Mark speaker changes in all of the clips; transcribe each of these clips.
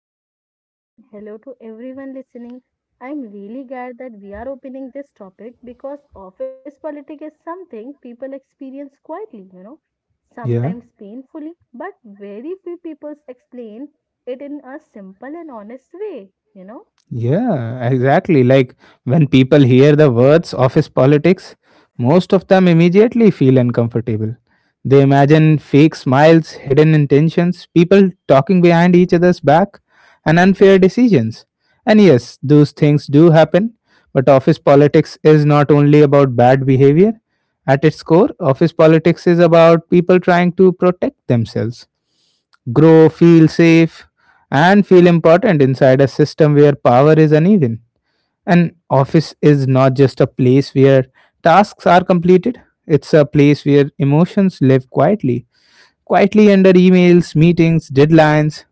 Speaker 1: Thank you, Sachin, and hello to everyone listening. I'm really glad that we are opening this topic because office politics is something people experience quietly,
Speaker 2: Yeah.
Speaker 1: sometimes painfully, but very few people explain it in a simple and honest way.
Speaker 2: Yeah, exactly. Like when people hear the words office politics, most of them immediately feel uncomfortable. They imagine fake smiles, hidden intentions, people talking behind each other's back, and unfair decisions. And yes, those things do happen, but office politics is not only about bad behavior. At its core, office politics is about people trying to protect themselves grow, feel safe, and feel important inside a system where power is uneven. An office is not just a place where tasks are completed, it's a place where emotions live quietly. Quietly under emails, meetings, deadlines.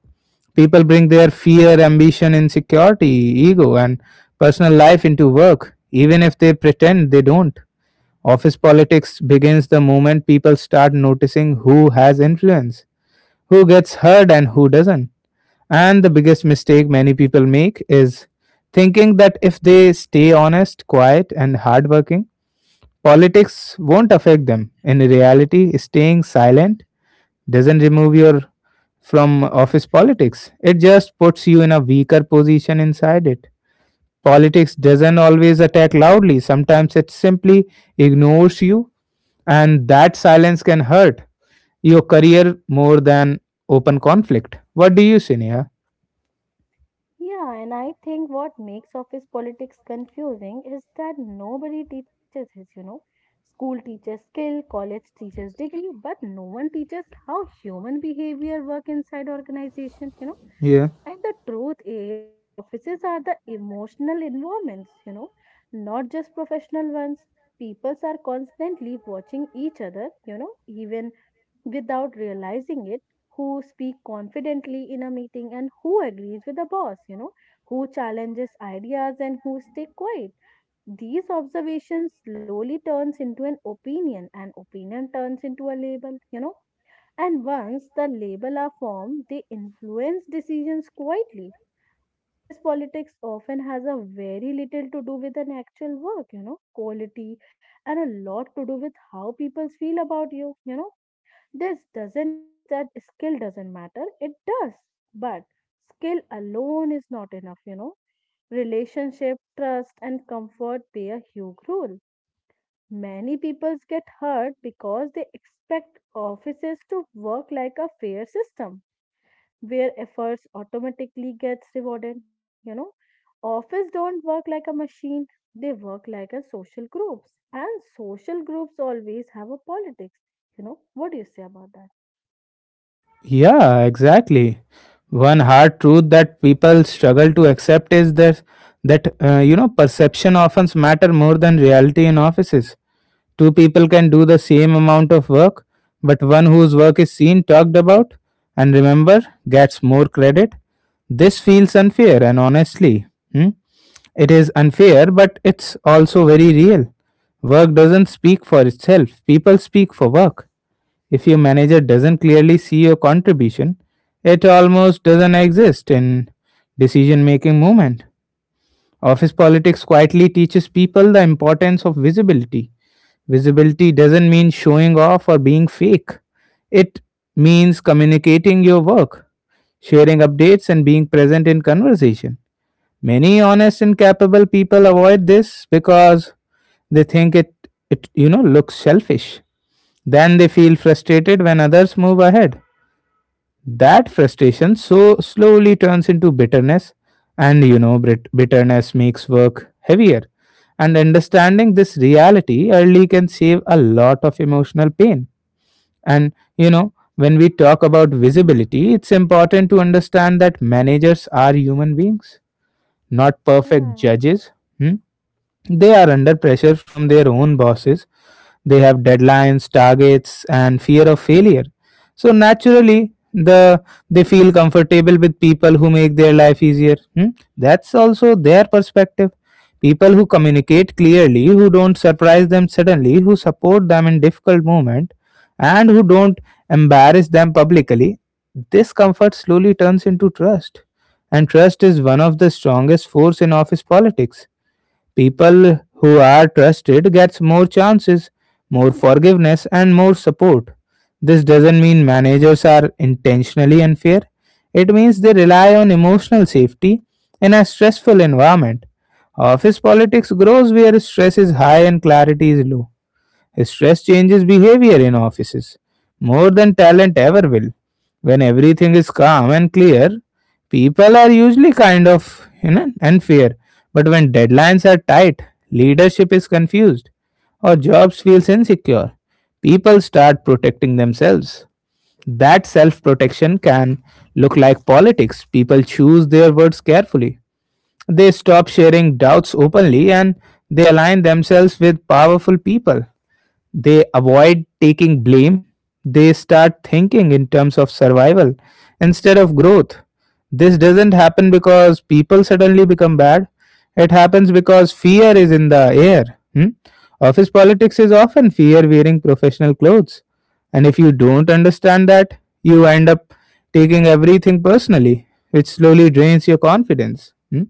Speaker 2: People bring their fear, ambition, insecurity, ego, and personal life into work, even if they pretend they don't. Office politics begins the moment people start noticing who has influence, who gets heard, and who doesn't. And the biggest mistake many people make is thinking that if they stay honest, quiet, and hardworking, politics won't affect them. In reality, staying silent doesn't remove you from office politics, it just puts you in a weaker position inside it. Politics doesn't always attack loudly, sometimes it simply ignores you, and that silence can hurt your career more than open conflict. What do you say, Neha?
Speaker 1: Yeah, and I think what makes office politics confusing is that nobody teaches it. School teaches skill, college teaches degree, but no one teaches how human behavior work inside organizations.
Speaker 2: Yeah.
Speaker 1: And the truth is offices are the emotional environments, not just professional ones. Peoples are constantly watching each other, even without realizing it, who speak confidently in a meeting and who agrees with the boss, who challenges ideas and who stay quiet. These observations slowly turns into an opinion and opinion turns into a label. And once the label are formed, they influence decisions quietly. Office politics often has a very little to do with an actual work, quality and a lot to do with how people feel about you, you know This doesn't mean that skill doesn't matter, it does, but skill alone is not enough. Relationship, trust, and comfort play a huge role. Many people get hurt because they expect offices to work like a fair system where efforts automatically gets rewarded. Office don't work like a machine, they work like a social groups and social groups always have a politics. What do you say about that?
Speaker 2: Yeah, exactly. One hard truth that people struggle to accept is that perception often matter more than reality in offices. Two people can do the same amount of work, but one whose work is seen, talked about, and remember gets more credit. This feels unfair, and honestly, it is unfair, but it's also very real. Work doesn't speak for itself; people speak for work. If your manager doesn't clearly see your contribution, it almost doesn't exist in decision making movement. Office politics quietly teaches people the importance of visibility. Visibility doesn't mean showing off or being fake. It means communicating your work, sharing updates, and being present in conversation. Many honest and capable people avoid this because they think it looks selfish. Then they feel frustrated when others move ahead. That frustration so slowly turns into bitterness, and bitterness makes work heavier. And understanding this reality early can save a lot of emotional pain. And you know, when we talk about visibility, it's important to understand that managers are human beings, not perfect
Speaker 1: Yeah,
Speaker 2: judges. Hmm? They are under pressure from their own bosses. They have deadlines, targets, and fear of failure. So naturally, they feel comfortable with people who make their life easier. Hmm? That's also their perspective. People who communicate clearly, who don't surprise them suddenly, who support them in difficult moment, and who don't embarrass them publicly. This comfort slowly turns into trust, and trust is one of the strongest force in office politics. People who are trusted gets more chances, more forgiveness and more support. This doesn't mean managers are intentionally unfair. It means they rely on emotional safety in a stressful environment. Office politics grows where stress is high and clarity is low. Stress changes behavior in offices more than talent ever will. When everything is calm and clear, people are usually and fair. But when deadlines are tight, leadership is confused or jobs feels insecure. People start protecting themselves. That self-protection can look like politics. People choose their words carefully. They stop sharing doubts openly and they align themselves with powerful people. They avoid taking blame. They start thinking in terms of survival instead of growth. This doesn't happen because people suddenly become bad. It happens because fear is in the air. Hmm? Office politics is often fear wearing professional clothes. And if you don't understand that, you end up taking everything personally, which slowly drains your confidence. Hmm?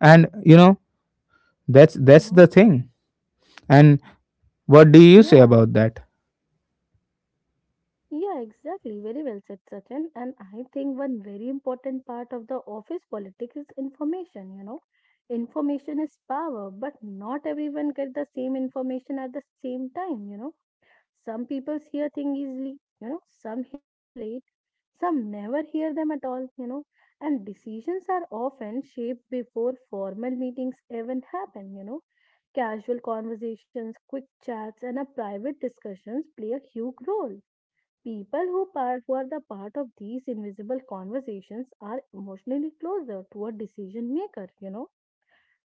Speaker 2: And you know, that's
Speaker 1: Mm-hmm.
Speaker 2: the thing. And what do you
Speaker 1: Yeah.
Speaker 2: say about that?
Speaker 1: Yeah, exactly. Very well said, Sachin. And I think one very important part of the office politics is information. Information is power, but not everyone get the same information at the same time. Some people hear things easily, some hear them late, some never hear them at all, and decisions are often shaped before formal meetings even happen. Casual conversations, quick chats, and a private discussions play a huge role. People who are the part of these invisible conversations are emotionally closer to a decision maker.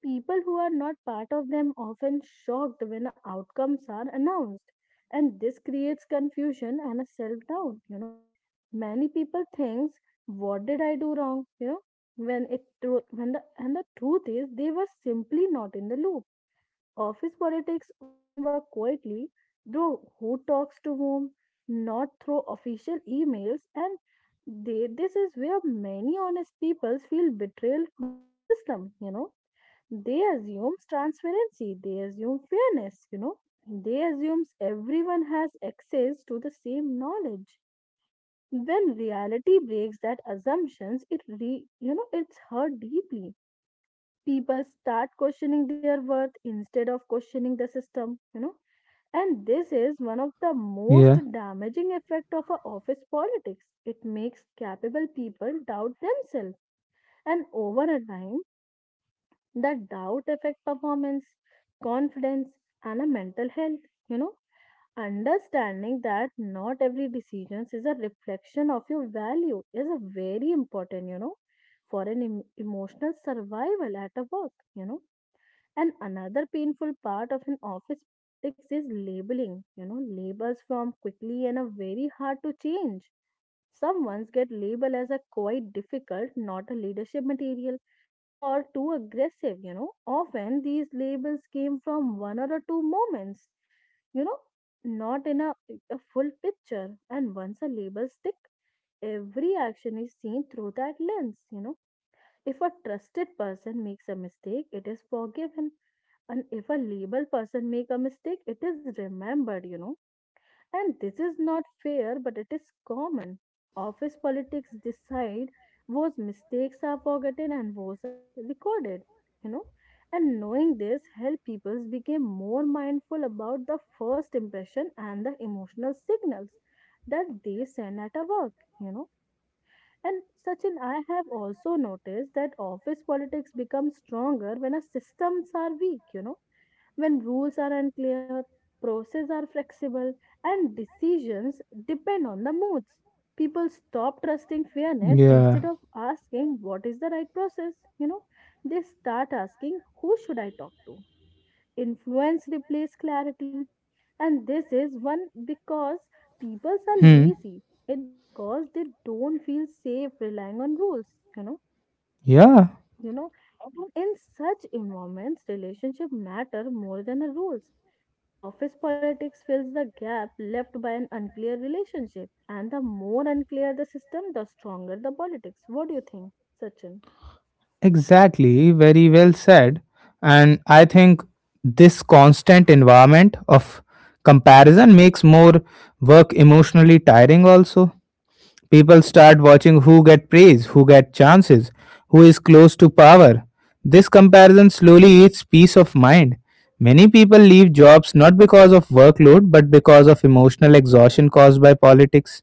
Speaker 1: People who are not part of them often shocked when outcomes are announced, and this creates confusion and a self doubt. Many people thinks, "What did I do wrong?" When the truth is they were simply not in the loop. Office politics often work quietly through who talks to whom, not through official emails, and they, this is where many honest people feel betrayed by the system. They assumes transparency, they assume fairness. They assumes everyone has access to the same knowledge. When reality breaks that assumptions, it re you know it's hurt deeply. People start questioning their worth instead of questioning the system. And this is one of the most
Speaker 2: Yeah.
Speaker 1: damaging effect of a office politics. It makes capable people doubt themselves. And over a time, that doubt affect performance, confidence, and a mental health. You know understanding that not every decision is a reflection of your value is a very important you know for an emotional survival at a work. You know and another painful part of an office politics is labeling. You know labels from quickly and are very hard to change. Some ones get labeled as a quite difficult, not a leadership material, or too aggressive. Often these labels came from one or two moments, you know, not in a, a full picture. And once a label stick, every action is seen through that lens. If a trusted person makes a mistake, it is forgiven. And if a labeled person make a mistake, it is remembered, and this is not fair, but it is common. Office politics decide whose mistakes are forgotten and whose are recorded. You know. And knowing this help people became more mindful about the first impression and the emotional signals that they send at a work. You know. And Sachin, I have also noticed that office politics becomes stronger when our systems are weak. You know when rules are unclear, processes are flexible, and decisions depend on the moods. People stop trusting fairness
Speaker 2: Yeah.
Speaker 1: instead of asking what is the right process. You know, they start asking who should I talk to. Influence replaces clarity, and this is one because people are
Speaker 2: Hmm.
Speaker 1: lazy. It because they don't feel safe relying on rules. You know,
Speaker 2: Yeah.
Speaker 1: you know, and in such environments, relationship matter more than the rules. Office politics fills the gap left by an unclear relationship, and the more unclear the system, the stronger the politics. What do you think, Sachin?
Speaker 2: Exactly. Very well said. And I think this constant environment of comparison makes more work emotionally tiring also. People start watching who get praise, who get chances, who is close to power. This comparison slowly eats peace of mind. Many people leave jobs not because of workload but because of emotional exhaustion caused by politics.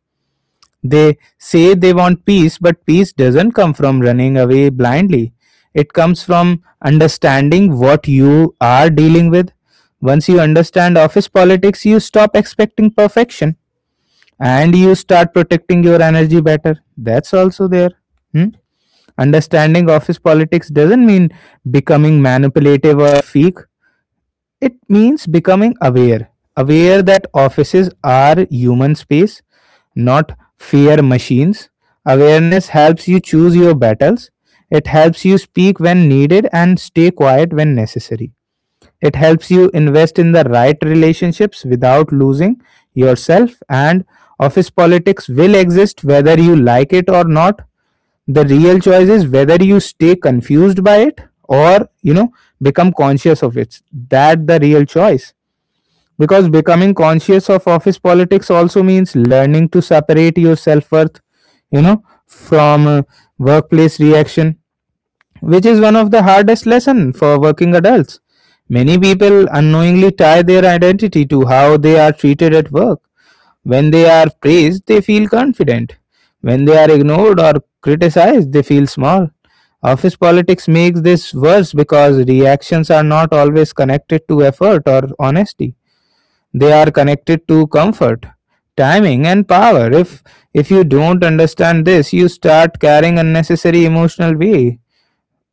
Speaker 2: They say they want peace, but peace doesn't come from running away blindly. It comes from understanding what you are dealing with. Once you understand office politics, you stop expecting perfection and you start protecting your energy better. That's also there. Hmm? Understanding office politics doesn't mean becoming manipulative or fake. It means becoming aware, aware that offices are human space, not fear machines. Awareness helps you choose your battles. It helps you speak when needed and stay quiet when necessary. It helps you invest in the right relationships without losing yourself, and office politics will exist whether you like it or not. The real choice is whether you stay confused by it or, you know, become conscious of it. That the real choice. Because becoming conscious of office politics also means learning to separate your self worth, you know, from workplace reaction which is one of the hardest lessons for working adults. Many people unknowingly tie their identity to how they are treated at work. When they are praised, they feel confident. When they are ignored or criticized, they feel small. Office politics makes this worse because reactions are not always connected to effort or honesty. They are connected to comfort, timing, and power. If you don't understand this, you start carrying unnecessary emotional weight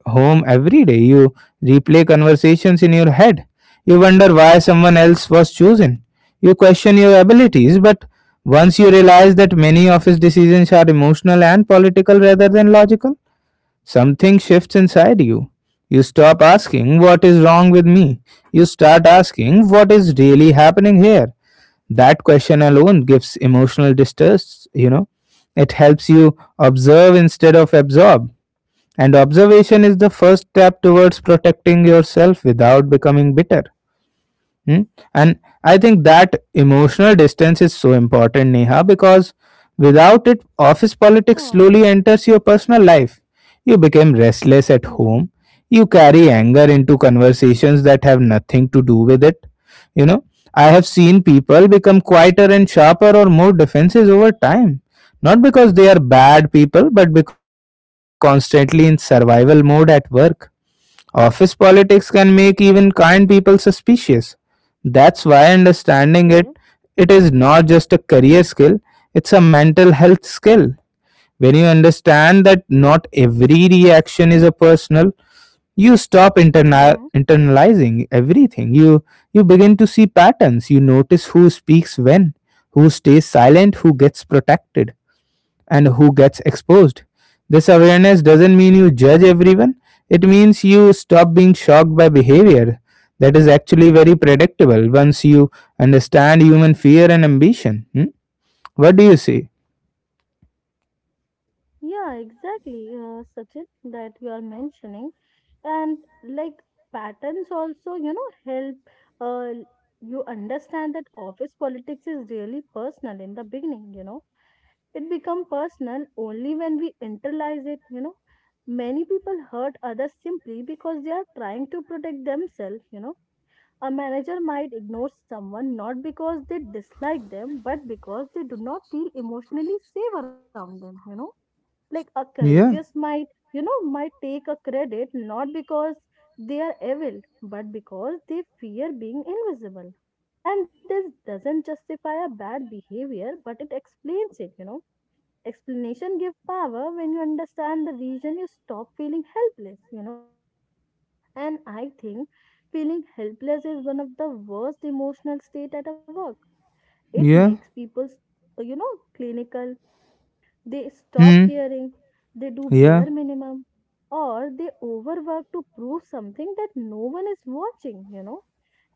Speaker 2: home every day. You replay conversations in your head. You wonder why someone else was chosen. You question your abilities, but once you realize that many of his decisions are emotional and political rather than logical, something shifts inside you. You stop asking, What is wrong with me? You start asking, What is really happening here? That question alone gives emotional distress, you know. It helps you observe instead of absorb and observation is the first step towards protecting yourself without becoming bitter. Hmm? And I think that emotional distance is so important, Neha, because without it, office politics
Speaker 1: Yeah.
Speaker 2: slowly enters your personal life. You become restless at
Speaker 1: Mm-hmm.
Speaker 2: home. You carry anger into conversations that have nothing to do with it. You know, I have seen people become quieter and sharper or more defensive over time. Not because they are bad people, but because they are constantly in survival mode at work. Office politics can make even kind people suspicious. That's why understanding it
Speaker 1: Okay.
Speaker 2: it is not just a career skill, it's a mental health skill. When you understand that not every reaction is a personal, you stop
Speaker 1: Mm-hmm.
Speaker 2: internalizing everything. You begin to see patterns. You notice who speaks when, who stays silent, who gets protected and who gets exposed. This awareness doesn't mean you judge everyone, it means you stop being shocked by behavior that is actually very predictable once you understand human fear and ambition. Hmm? What do you say?
Speaker 1: Yeah, exactly, Sachin, that you are mentioning. And like patterns also, you know, help uh, you understand that office politics is really personal in the beginning. It become personal only when we internalize it. Many people hurt others simply because they are trying to protect themselves. A manager might ignore someone not because they dislike them, but because they do not feel emotionally safe around them. You know like a
Speaker 2: Yeah,
Speaker 1: courageous might you know might take a credit not because they are evil, but because they fear being invisible. And this doesn't justify a bad behavior, but it explains it. You know explanation give power. When you understand the reason, you stop feeling helpless. You know and I think feeling helpless is one of the worst emotional state at a work. It
Speaker 2: yeah,
Speaker 1: makes people you know clinical. They stop
Speaker 2: hmm,
Speaker 1: caring, they do
Speaker 2: yeah,
Speaker 1: bare minimum, or they overwork to prove something that no one is watching.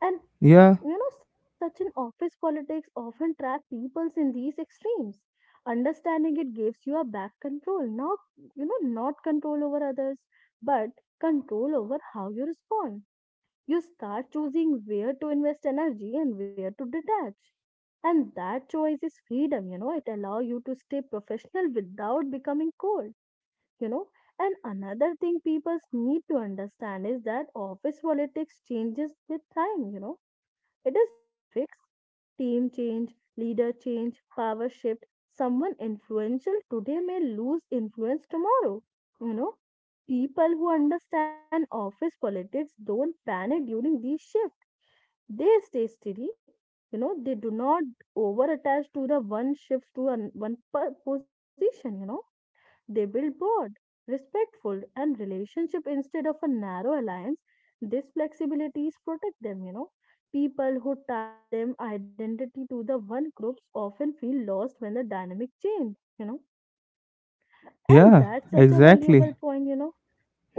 Speaker 1: And
Speaker 2: yeah,
Speaker 1: you know, such an office politics often trap peoples in these extremes. Understanding it gives you a back control, not you know, not control over others, but control over how you respond. You start choosing where to invest energy and where to detach. And that choice is freedom, you know, it allows you to stay professional without becoming cold. You know. And another thing people need to understand is that office politics changes with time. You know. It is not fixed. Team change, leader change, power shift. Someone influential today may lose influence tomorrow. You know people who understand office politics don't panic during these shifts. They stay steady. You know, they do not over attach to the one shifts to an, one position. You know, they build broad, respectful, and relationship instead of a narrow alliance. These flexibilities protect them. You know, people who tied them identity to the one groups often feel lost when the dynamic change. You know, and
Speaker 2: yeah,
Speaker 1: that's such a valuable
Speaker 2: exactly.
Speaker 1: point. You know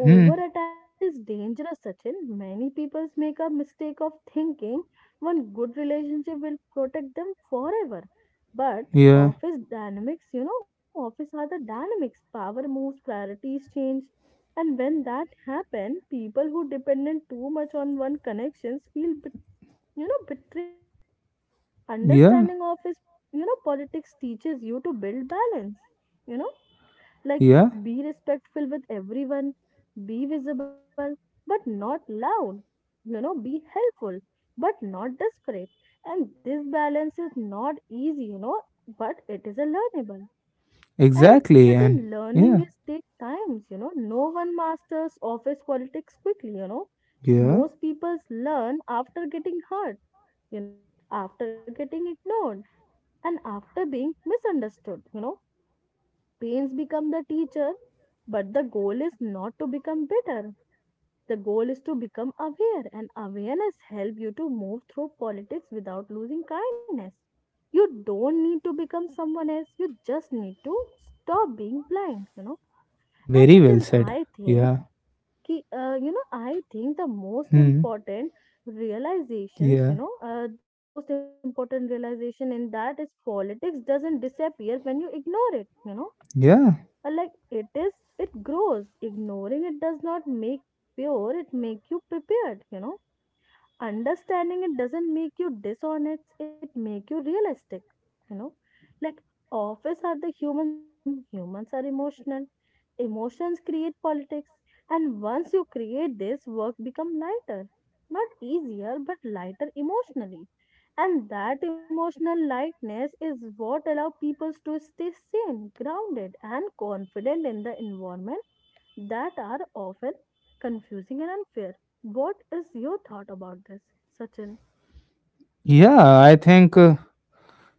Speaker 2: Hmm,
Speaker 1: over attachment is dangerous, Sachin. Many people make a mistake of thinking one good relationship will protect them forever. But
Speaker 2: yeah,
Speaker 1: office dynamics, you know, office are the dynamics. Power moves, priorities change. And when that happens, people who dependent too much on one connections feel, betrayed. Understanding
Speaker 2: yeah,
Speaker 1: office you know, politics teaches you to build balance. You know. Like,
Speaker 2: yeah,
Speaker 1: be respectful with everyone, be visible, but not loud. You know, be helpful, but not desperate. And this balance is not easy, you know, but it is a learnable. And
Speaker 2: exactly, and
Speaker 1: certain learning
Speaker 2: yeah,
Speaker 1: is take times. You know. No one masters office politics quickly. You know.
Speaker 2: yeah,
Speaker 1: Most people learn after getting hurt, you know, after getting ignored, and after being misunderstood. You know. Pains become the teacher, but the goal is not to become bitter. The goal is to become aware, and awareness help you to move through politics without losing kindness. You don't need to become someone else. You just need to stop being blind. You know. And
Speaker 2: very
Speaker 1: such
Speaker 2: well
Speaker 1: an
Speaker 2: said.
Speaker 1: I think,
Speaker 2: Yeah,
Speaker 1: you know, I think the most
Speaker 2: hmm,
Speaker 1: important
Speaker 2: yeah,
Speaker 1: the most important realization in that is politics doesn't disappear when you ignore it. You know
Speaker 2: yeah.
Speaker 1: Like it is, it grows. Ignoring it does not make you pure, it make you prepared. You know. Understanding it doesn't make you dishonest, it make you realistic. You know. Like office are the human system, humans are emotional. Emotions create politics. And once you create this, work become lighter. Not easier, but lighter emotionally, and that emotional lightness is what allows people to stay sane, grounded, and confident in the environment that are often confusing and unfair. What is your thought about this, Sachin?
Speaker 2: Yeah, I think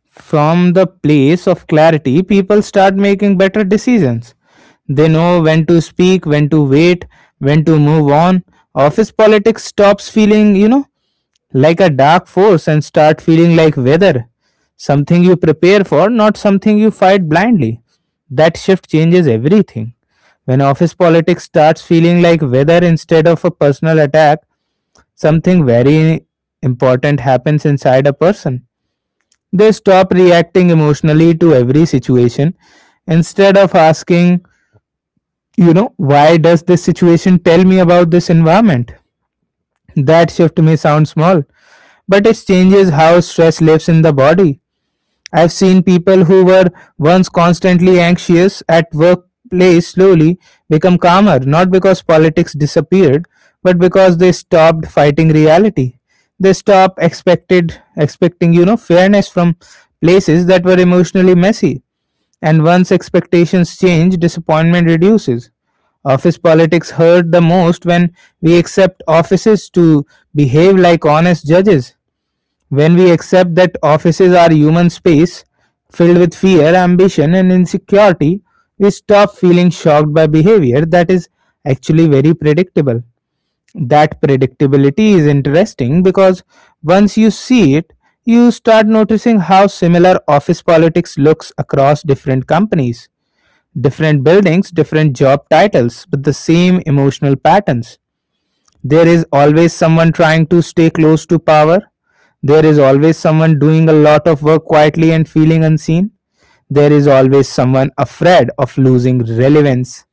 Speaker 2: from the place of clarity, people start making better decisions. They know when to speak, when to wait, when to move on. Office politics stops feeling, you know, like a dark force and start feeling like weather, something you prepare for, not something you fight blindly. That shift changes everything. When office politics starts feeling like weather instead of a personal attack, something very important happens inside a person they stop reacting emotionally to every situation instead of asking, you know, why does this situation tell me about this environment? That shift may sound small, but it changes how stress lives in the body. I've seen people who were once constantly anxious at workplace slowly become calmer, not because politics disappeared, but because they stopped fighting reality. They stopped expected expecting, you know, fairness from places that were emotionally messy. And once expectations change, disappointment reduces. Office politics hurt the most when we accept offices to behave like honest judges when we accept that offices are human space filled with fear, ambition, and insecurity, we stop feeling shocked by behavior that is actually very predictable. That predictability is interesting because once you see it, you start noticing how similar office politics looks across different companies, different buildings, different job titles, but the same emotional patterns. There is always someone trying to stay close to power. There is always someone doing a lot of work quietly and feeling unseen. There is always someone afraid of losing relevance.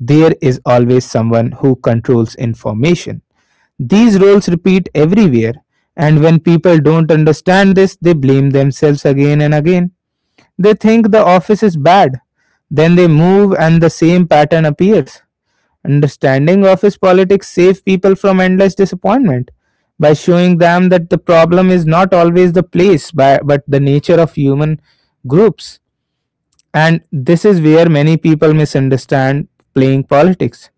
Speaker 2: There is always someone who controls information. These roles repeat everywhere, and when people don't understand this, they blame themselves again and again. They think the office is bad. Then they move, and the same pattern appears. Understanding of his politics saves people from endless disappointment by showing them that the problem is not always the place by, but the nature of human groups. And this is where many people misunderstand playing politics.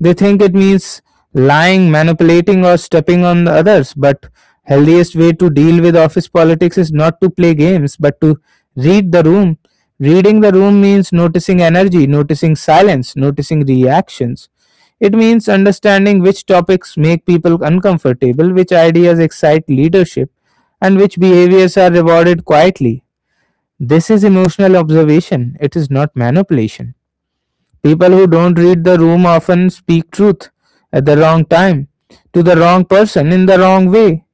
Speaker 2: They think it means lying, manipulating, or stepping on the others. But healthiest way to deal with office politics is not to play games, but to read the room. Reading the room means noticing energy, noticing silence, noticing reactions. It means understanding which topics make people uncomfortable, which ideas excite leadership, and which behaviors are rewarded quietly. This is emotional observation, it is not manipulation. People who don't read the room often speak truth at the wrong time to the wrong person in the wrong way.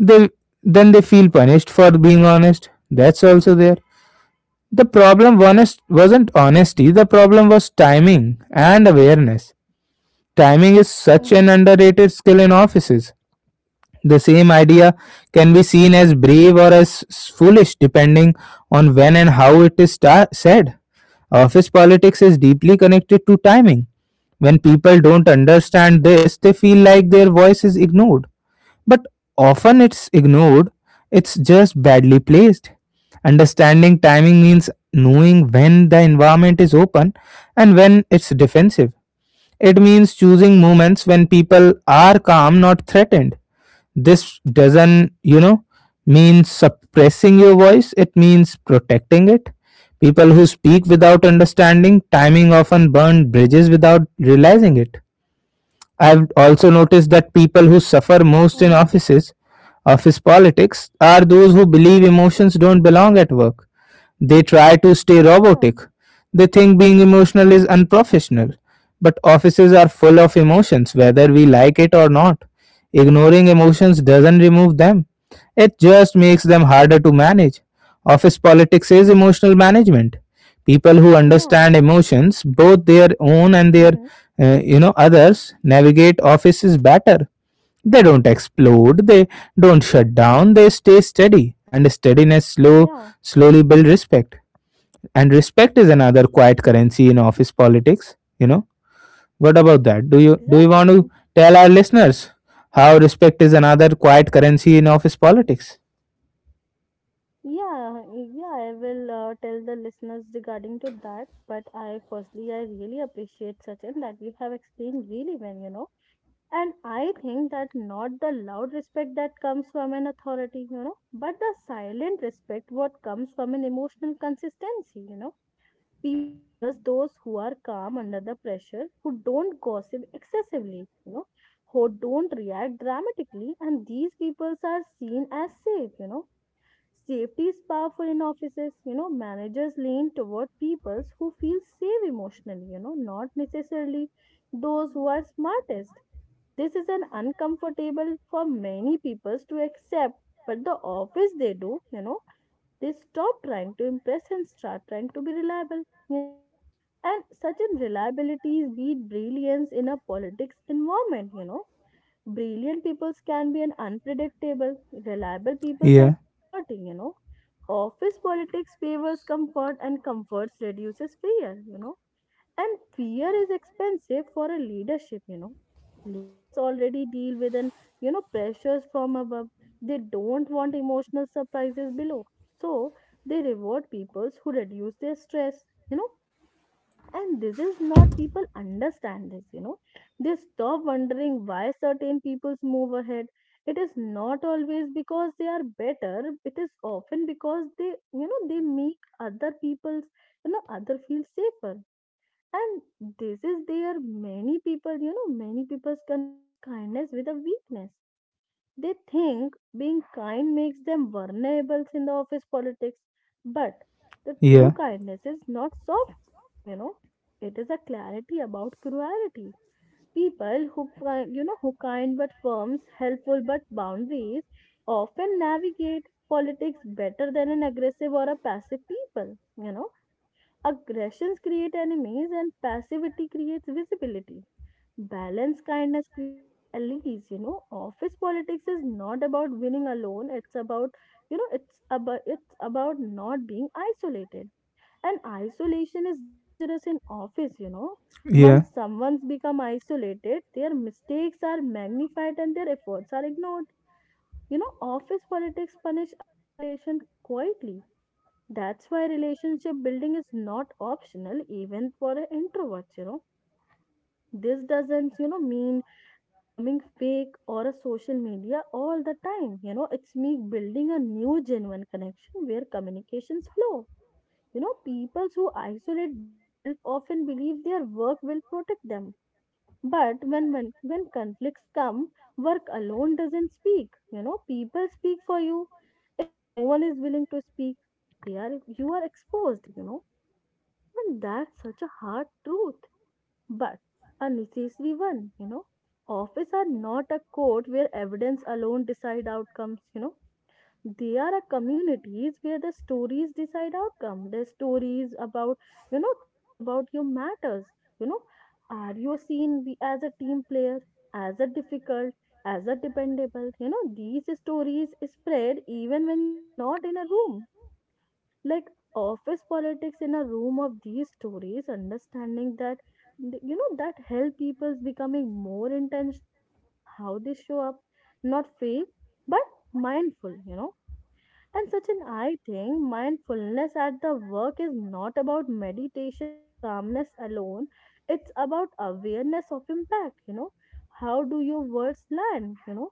Speaker 2: They they feel punished for being honest. That's also there. The problem honest, wasn't honesty, the problem was timing and awareness. Timing is such
Speaker 1: Mm-hmm.
Speaker 2: an underrated skill in offices. The same idea can be seen as brave or as foolish depending on when and how it is said. Office politics is deeply connected to timing. When people don't understand this, they feel like their voice is ignored. But often it's ignored, it's just badly placed. Understanding timing means knowing when the environment is open and when it's defensive. It means choosing moments when people are calm, not threatened. This doesn't, mean suppressing your voice, it means protecting it. People who speak without understanding timing often burn bridges without realizing it. I've also noticed that people who suffer most in
Speaker 1: Mm-hmm.
Speaker 2: offices, office politics, are those who believe emotions don't belong at work. They try to stay
Speaker 1: Yeah.
Speaker 2: robotic. They think being emotional is unprofessional. But offices are full of emotions, whether we like it or not. Ignoring emotions doesn't remove them, it just makes them harder to manage. Office politics is emotional management. People who
Speaker 1: Yeah.
Speaker 2: understand emotions, both their own and their,
Speaker 1: Mm-hmm.
Speaker 2: others, navigate offices better. They don't explode, they don't shut down, they stay steady, and steadiness
Speaker 1: Yeah.
Speaker 2: slowly build respect. And respect is another quiet currency in office politics, you know. What about that? Do you want to
Speaker 1: Exactly.
Speaker 2: tell our listeners how respect is another quiet currency in office politics?
Speaker 1: Yeah, yeah, I will tell the listeners regarding to that. But I firstly, I really appreciate Sachin that you have explained really well. You know. And I think that not the loud respect that comes from an authority, you know, but the silent respect what comes from an emotional consistency. You know. People trust those who are calm under the pressure, who don't gossip excessively, who don't react dramatically, and these people are seen as safe. Safety is powerful in offices. Managers lean toward people who feel safe emotionally, not necessarily those who are smartest. This is an uncomfortable for many people to accept, but the office they do. They stop trying to impress and start trying to be reliable. And certain reliabilities beat brilliance in a politics environment. Brilliant peoples can be an unpredictable, reliable peoples are
Speaker 2: Yeah,
Speaker 1: comforting. Office politics favors comfort and comforts reduces fear. And fear is expensive for a leadership. Leaders already deal with an pressures from above. They don't want emotional surprises below. So they reward peoples who reduce their stress, you know and this is not people understand this. They stop wondering why certain peoples move ahead. It is not always because they are better, it is often because they they make other people's other feel safer. And this is there many people, many people confuse kindness with a weakness. They think being kind makes them vulnerable in the office politics, but the true
Speaker 2: yeah,
Speaker 1: kindness is not softness. It is a clarity about cruelty. People who who kind but firms, helpful but boundaries, often navigate politics better than an aggressive or a passive people. Aggressions create enemies and passivity creates visibility. Balance kindness create allies. Office politics is not about winning alone. It's about, you know, it's about not being isolated. And isolation is dangerous in office.
Speaker 2: yeah,
Speaker 1: Once someone's become isolated, their mistakes are magnified and their efforts are ignored. You know, office politics punish isolation quietly. That's why relationship building is not optional even for introverts. This doesn't mean becoming fake or a social media all the time. You know, it's me building a new genuine connection where communications flow. You know, people who isolate themselves often believe their work will protect them. But when conflicts come, work alone doesn't speak. You know, people speak for you. If no one is willing to speak, they are you are exposed. And that's such a hard truth but a necessary one. Office are not a court where evidence alone decide outcomes. They are a communities where the stories decide outcome. The stories about, told about your matters, you know. Are you seen as a team player, as a difficult, as a dependable? You know, these stories spread even when you are not in a room like office politics in a room of these stories understanding that that help people's becoming more intentional about how they show up, not fake but mindful. And such an I think mindfulness at the work is not about meditation or calmness alone, it's about awareness of impact. How do your words land?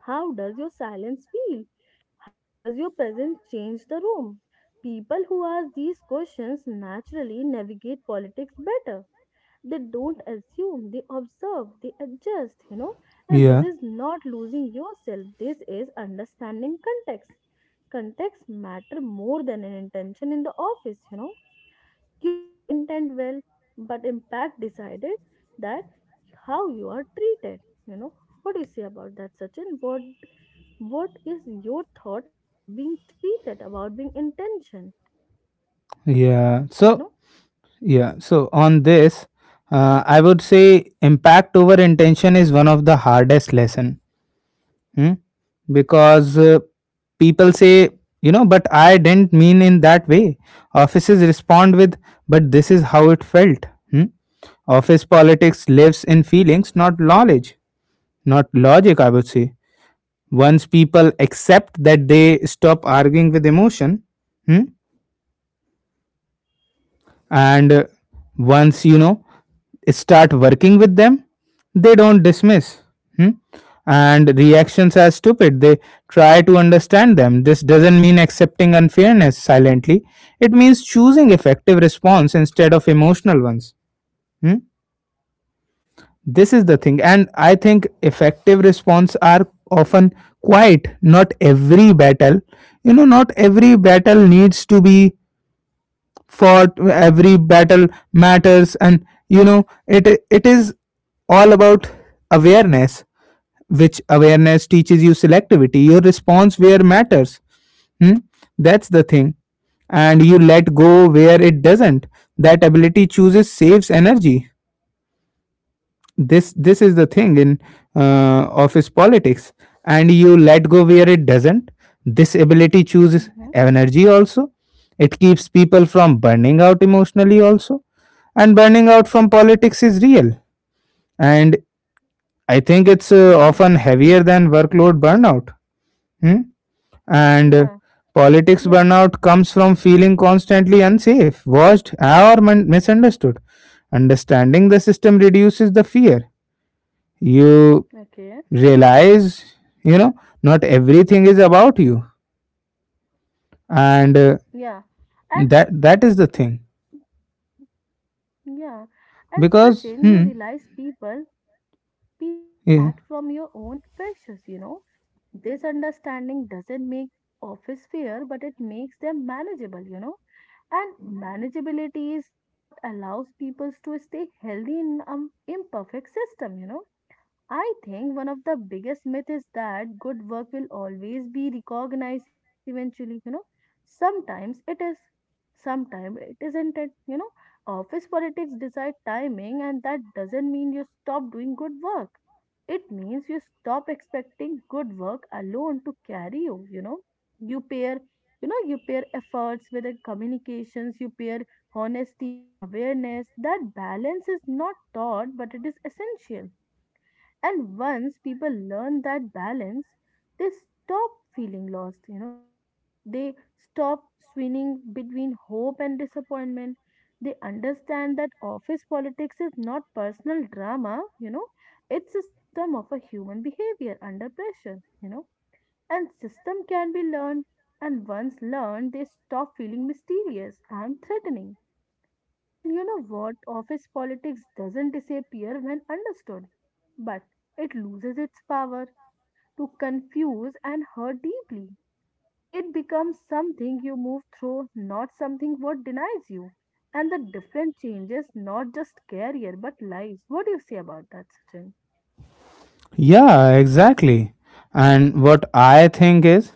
Speaker 1: How does your silence feel? How does your presence change the room? People who ask these questions naturally navigate politics better. They don't assume, they observe, they adjust. And this
Speaker 2: yeah,
Speaker 1: is not losing yourself, this is understanding context. Context matter more than an intention in the office, you know. You may intend well, but impact decided that how you are treated. You know, what do you say about that, Sachin? What is your thought about being treated, about being intention?
Speaker 2: yeah.
Speaker 1: You
Speaker 2: So,
Speaker 1: know?
Speaker 2: yeah, so on this, I would say impact over intention is one of the hardest lesson. Hmm? Because people say, you know, but I didn't mean in that way. Offices respond with, but this is how it felt. Hmm? Office politics lives in feelings, not knowledge, not logic, I would say. Once people accept that they stop arguing with emotion, hmm, and once you know start working with them they don't dismiss. hmm? And reactions are stupid, they try to understand them. This doesn't mean accepting unfairness silently, it means choosing effective response instead of emotional ones. hmm? This is the thing, and I think effective response are often quiet. Not every battle, you know, not every battle needs to be fought. Every battle matters, and you know it is all about awareness, which awareness teaches you selectivity your response where matters. Hmm? That's the thing. And you let go where it doesn't. That ability chooses saves energy. This is the thing in office politics. And you let go where it doesn't. This ability chooses
Speaker 1: Mm-hmm.
Speaker 2: energy also. It keeps people from burning out emotionally also. And burning out from politics is real, and I think it's
Speaker 1: Mm-hmm.
Speaker 2: often heavier than workload burnout. hmm? And
Speaker 1: Yeah.
Speaker 2: politics
Speaker 1: Yeah.
Speaker 2: burnout comes from feeling constantly unsafe, watched, or misunderstood. Understanding the system reduces the fear. You
Speaker 1: Okay.
Speaker 2: realize, you know, not everything is about you.
Speaker 1: Mm.
Speaker 2: And
Speaker 1: Yeah. And
Speaker 2: that that is the thing.
Speaker 1: yeah. And
Speaker 2: Because
Speaker 1: Sachin, you realize people's
Speaker 2: yeah,
Speaker 1: act from your own pressures. This understanding doesn't make office fair, but it makes them manageable. And manageability is the, what allows people to stay healthy in an imperfect system. I think one of the biggest myths is that good work will always be recognized eventually. Sometimes it is, sometimes it isn't it. Office politics decide timing and that doesn't mean you stop doing good work. It means you stop expecting good work alone to carry you, you know. You you pair efforts with the communications, you pair honesty with awareness. That balance is not taught, but it is essential, and once people learn that balance, they stop feeling lost. They stop swinging between hope and disappointment. They understand that office politics is not personal drama. It's a system of a human behavior under pressure. And system can be learned. And once learned, they stop feeling mysterious and threatening, and you know what? Office politics doesn't disappear when understood, but it loses its power to confuse and hurt deeply. It becomes something you move through, not something what denies you. And the different changes not just career but lives. What do you say about that, Sachin?
Speaker 2: yeah exactly. And what I think is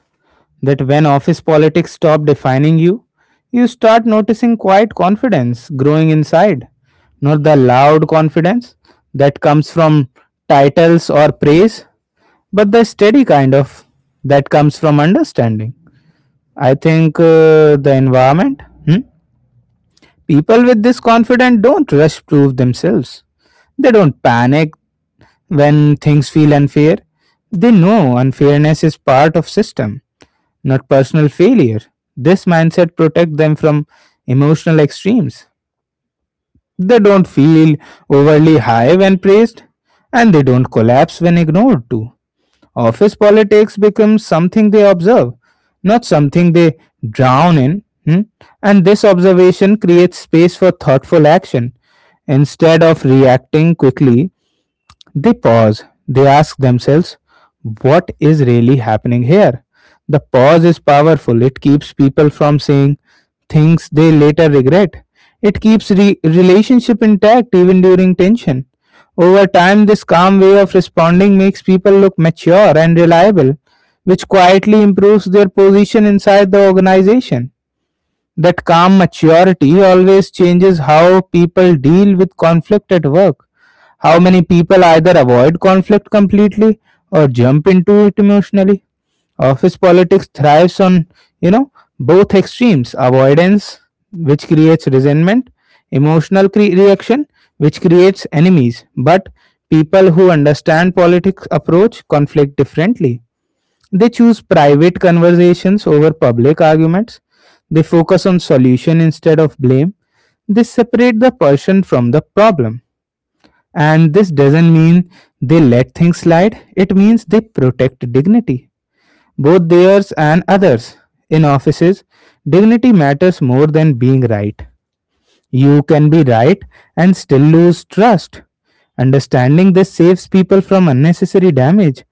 Speaker 2: that when office politics stop defining you, you start noticing quiet confidence growing inside. Not the loud confidence that comes from titles or praise, but the steady kind of that comes from understanding, I think the environment. Hmm? People with this confidence don't rush prove themselves. They don't panic when things feel unfair. They know unfairness is part of system, not personal failure. This mindset protect them from emotional extremes. They don't feel overly high when praised, and they don't collapse when ignored too. Office politics becomes something they observe, not something they drown in. Hmm? And this observation creates space for thoughtful action. Instead of reacting quickly, they pause. They ask themselves, what is really happening here? The pause is powerful. It keeps people from saying things they later regret. It keeps relationship intact even during tension. Over time, this calm way of responding makes people look mature and reliable, which quietly improves their position inside the organization. That calm maturity always changes how people deal with conflict at work. How many people either avoid conflict completely or jump into it emotionally. Office politics thrives on, you know, both extremes avoidance, which creates resentment, emotional reaction, which creates enemies. But people who understand politics approach conflict differently. They choose private conversations over public arguments. They focus on solution instead of blame. They separate the person from the problem. And this doesn't mean they let things slide, it means they protect dignity, both theirs and others. In offices, dignity matters more than being right. You can be right and still lose trust. Understanding this saves people from unnecessary damage.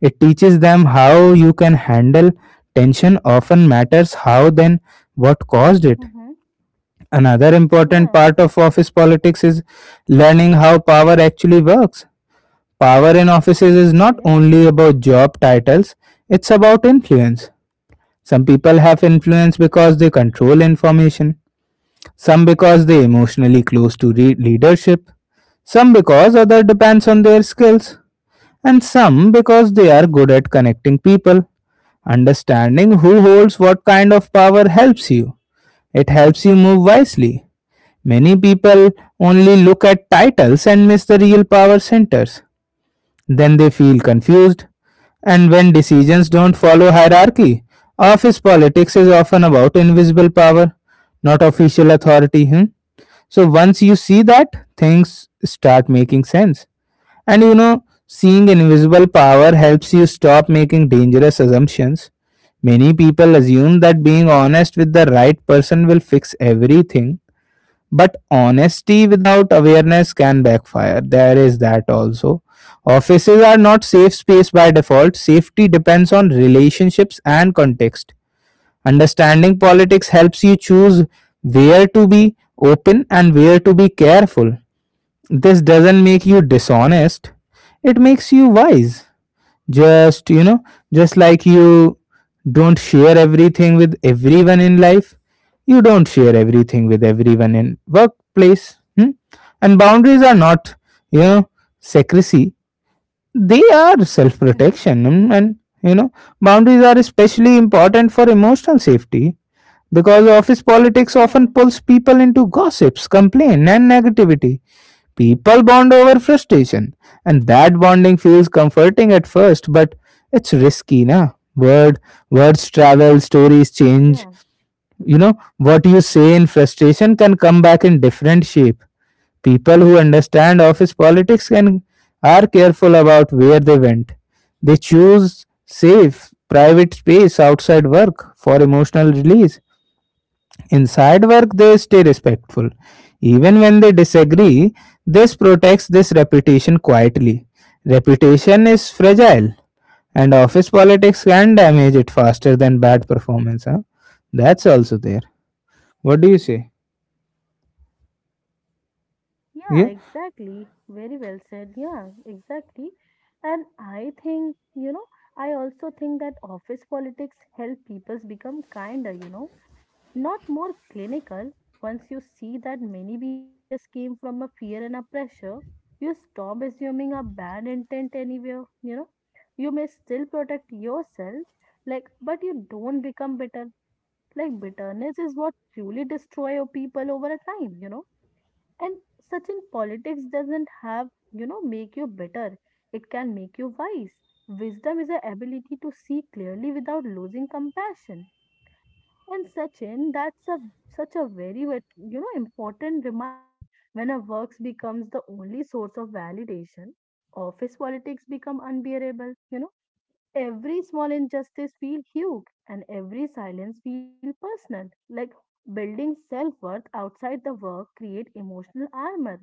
Speaker 2: It teaches them how you can handle tension often matters how then what caused it.
Speaker 1: Mm-hmm.
Speaker 2: Another important
Speaker 1: Yeah.
Speaker 2: part of office politics is learning how power actually works. Power in offices is not
Speaker 1: Okay.
Speaker 2: only about job titles, it's about influence. Some people have influence because they control information, some because they emotionally close to leadership, some because other depends on their skills, and some because they are good at connecting people. Understanding who holds what kind of power helps you. It helps you move wisely. Many people only look at titles and miss the real power centers. Then they feel confused. And when decisions don't follow hierarchy, office politics is often about invisible power, not official authority. Hmm? So once you see that, things start making sense. And you know, seeing invisible power helps you stop making dangerous assumptions. Many people assume that being honest with the right person will fix everything, but honesty without awareness can backfire. There is that also. Offices are not safe space by default. Safety depends on relationships and context. Understanding politics helps you choose where to be open and where to be careful. This doesn't make you dishonest, it makes you wise. Just, you know, just like you don't share everything with everyone in life, you don't share everything with everyone in workplace. Hmm? And boundaries are not, you know, secrecy, they are self
Speaker 1: Mm-hmm.
Speaker 2: protection. And, you know, boundaries are especially important for emotional safety because office politics
Speaker 1: Yeah.
Speaker 2: often pulls people into gossips, complaint, and negativity. People bond over frustration, and that bonding feels
Speaker 1: Okay.
Speaker 2: comforting at first, but it's risky, na? Words travel, stories
Speaker 1: Yeah.
Speaker 2: change. You know, what you say in frustration can come back in different shape. People who understand office politics can are careful about where they went. They choose safe, private space outside work for emotional release. Inside work, they stay respectful. Even when they disagree, this protects this reputation quietly. Reputation is fragile, and office politics can damage it faster than bad performance. Huh? That's also there. What do you say?
Speaker 1: Yeah,
Speaker 2: Yeah,
Speaker 1: exactly. Very well said. Yeah, exactly. And I think, you know, I also think that office politics help people become kinder, not more clinical. Once you see that many behaviors came from a fear and a pressure, you stop assuming a bad intent anywhere, you know. You may still protect yourself, like, but you don't become bitter. Like, bitterness is what truly destroy your people over a time, and such in politics doesn't have make you better. It can make you wise. Wisdom is the ability to see clearly without losing compassion. And Sachin, that's a such a very important reminder. When a works becomes the only source of validation, office politics become unbearable. You know, every small injustice feel huge, and every silence feel personal. Like building self worth outside the work create emotional armor,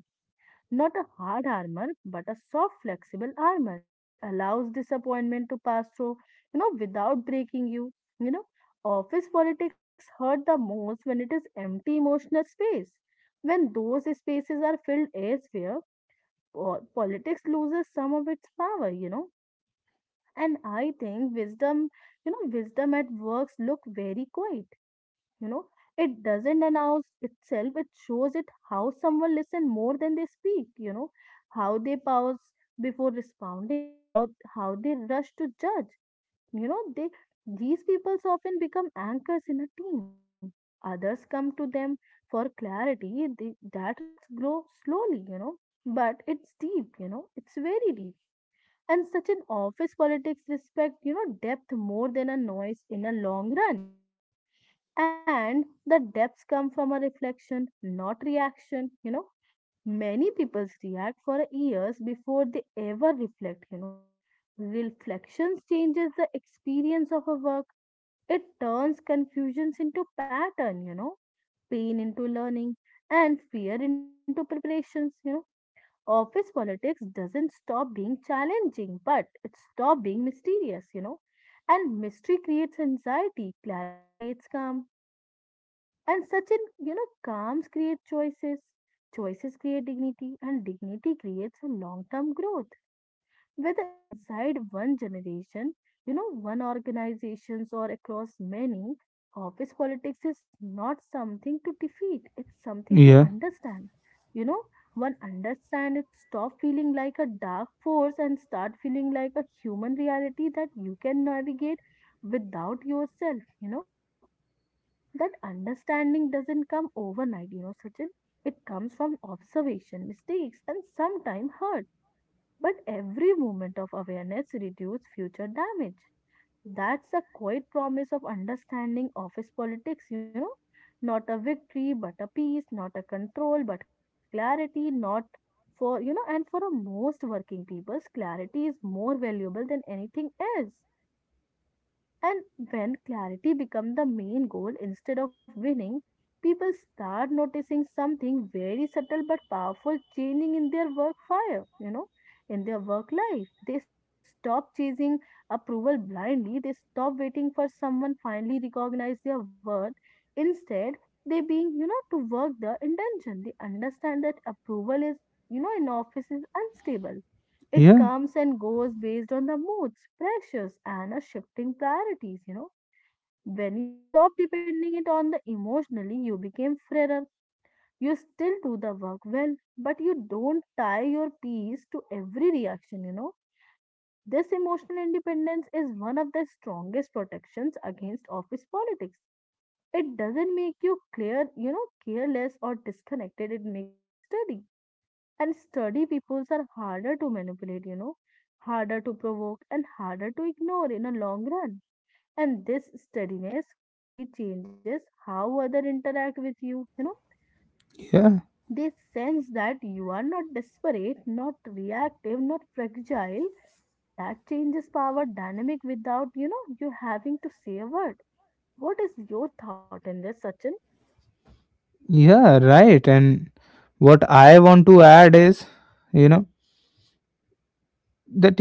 Speaker 1: not a hard armor, but a soft, flexible armor. It allows disappointment to pass through, without breaking you. You know, office politics hurt the most when it is empty emotional space. When those spaces are filled elsewhere, politics loses some of its power. And I think wisdom, wisdom at works look very quiet. You know, it doesn't announce itself. It shows it how someone listen more than they speak. You know, how they pause before responding, how they rush to judge. You know, they these people often become anchors in a team. Others come to them for clarity. They, that respects grow slowly. You know, but it's deep. You know, it's very deep, and such an office politics respect depth more than a noise in a long run, and the depths come from a reflection not reaction. Many people react for years before they ever reflect. Reflections changes the experience of a work. It turns confusions into pattern, pain into learning, and fear into preparations. Office politics doesn't stop being challenging, but it stops being mysterious. And mystery creates anxiety, clarity creates calm, and such an calms create choices. Choices create dignity, and dignity creates a long-term growth, whether inside one generation, one organizations or across many, office politics is not something to defeat, it's something to
Speaker 2: yeah,
Speaker 1: understand. You know, one understand it stop feeling like a dark force and start feeling like a human reality that you can navigate without yourself. That understanding doesn't come overnight, you know, Sachin. It comes from observation, mistakes, and sometimes hurt, but every moment of awareness reduces future damage. That's a quiet promise of understanding office politics. Not a victory, but a peace, not a control, but clarity, not for, and for a most working peoples, clarity is more valuable than anything else. And when clarity becomes the main goal instead of winning, people start noticing something very subtle but powerful changing in their work fire, in their work life. They stop chasing approval blindly, they stop waiting for someone finally recognize their worth. Instead, they being to work the intention. They understand that approval is in office is unstable. It
Speaker 2: yeah,
Speaker 1: comes and goes based on the moods, pressures, and a shifting priorities. When you stop depending it on the emotionally, you became freer. You still do the work well, but you don't tie your peace to every reaction. This emotional independence is one of the strongest protections against office politics. It doesn't make you clear, careless or disconnected. It makes you steady, and sturdy peoples are harder to manipulate, harder to provoke, and harder to ignore in a long run. And this steadiness quietly changes how other interact with you, you know.
Speaker 2: yeah,
Speaker 1: They sense that you are not desperate, not reactive, not fragile, and that changes power dynamic without you having to say a word. What is your thought in this, Sachin?
Speaker 2: yeah, right. And what I want to add is, you know, that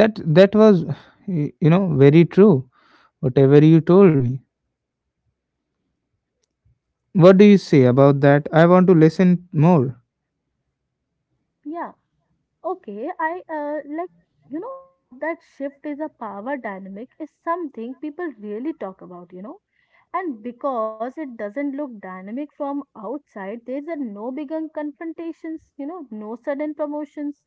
Speaker 2: that was, you know, very true. Whatever you told me. What do you say about that? I want to listen more.
Speaker 1: Yeah. Okay, I like you know what, that shift is a power dynamic is something people really talk about, you know. And because it doesn't look dynamic from outside, there's a no big confrontations, you know, no sudden promotions,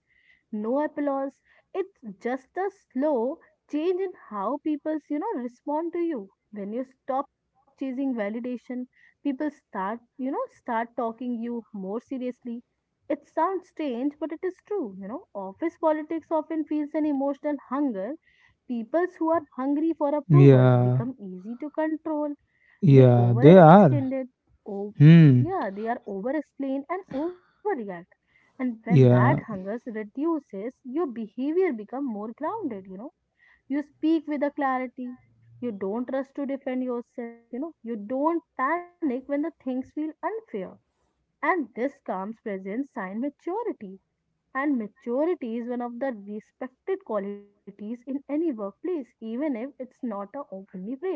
Speaker 1: no applause. It's just a slow change in how people, you know, respond to you. When you stop chasing validation, people start talking you more seriously. It sounds strange, but it is true. You know, office politics often feels an emotional hunger. People who are hungry for approvals
Speaker 2: Yeah,
Speaker 1: become easy to control. They
Speaker 2: yeah, they are.
Speaker 1: overextended. Oh,
Speaker 2: Hmm.
Speaker 1: yeah, they are overexplain and overreact. And when that
Speaker 2: Yeah,
Speaker 1: hunger reduces, your behavior become more grounded. You know, you speak with a clarity. You don't rush to defend yourself. You know, you don't panic when the things feel unfair. And this calm presence sign maturity, and maturity is one of the respected qualities in any workplace, even if it's not a openly praised.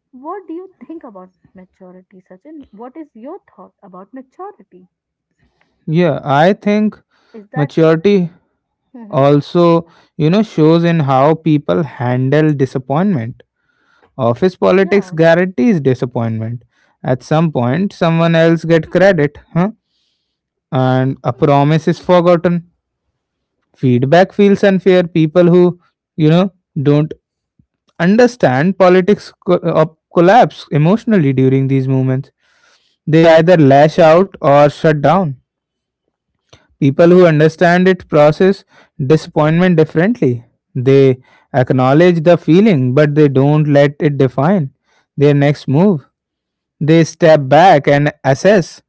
Speaker 1: What do you think about maturity, Sachin? What is your thought about maturity?
Speaker 2: yeah. I think
Speaker 1: Is that,
Speaker 2: maturity
Speaker 1: hmm,
Speaker 2: also, you know, shows in how people handle disappointment. Office
Speaker 1: yeah,
Speaker 2: politics guarantees disappointment. At some point, someone else get credit, huh? And a promise is forgotten. Feedback feels unfair. People who, you know, don't understand politics collapse emotionally during these movements. They either lash out or shut down. People who understand it process disappointment differently. They acknowledge the feeling, but they don't let it define their next move. They step back and assess,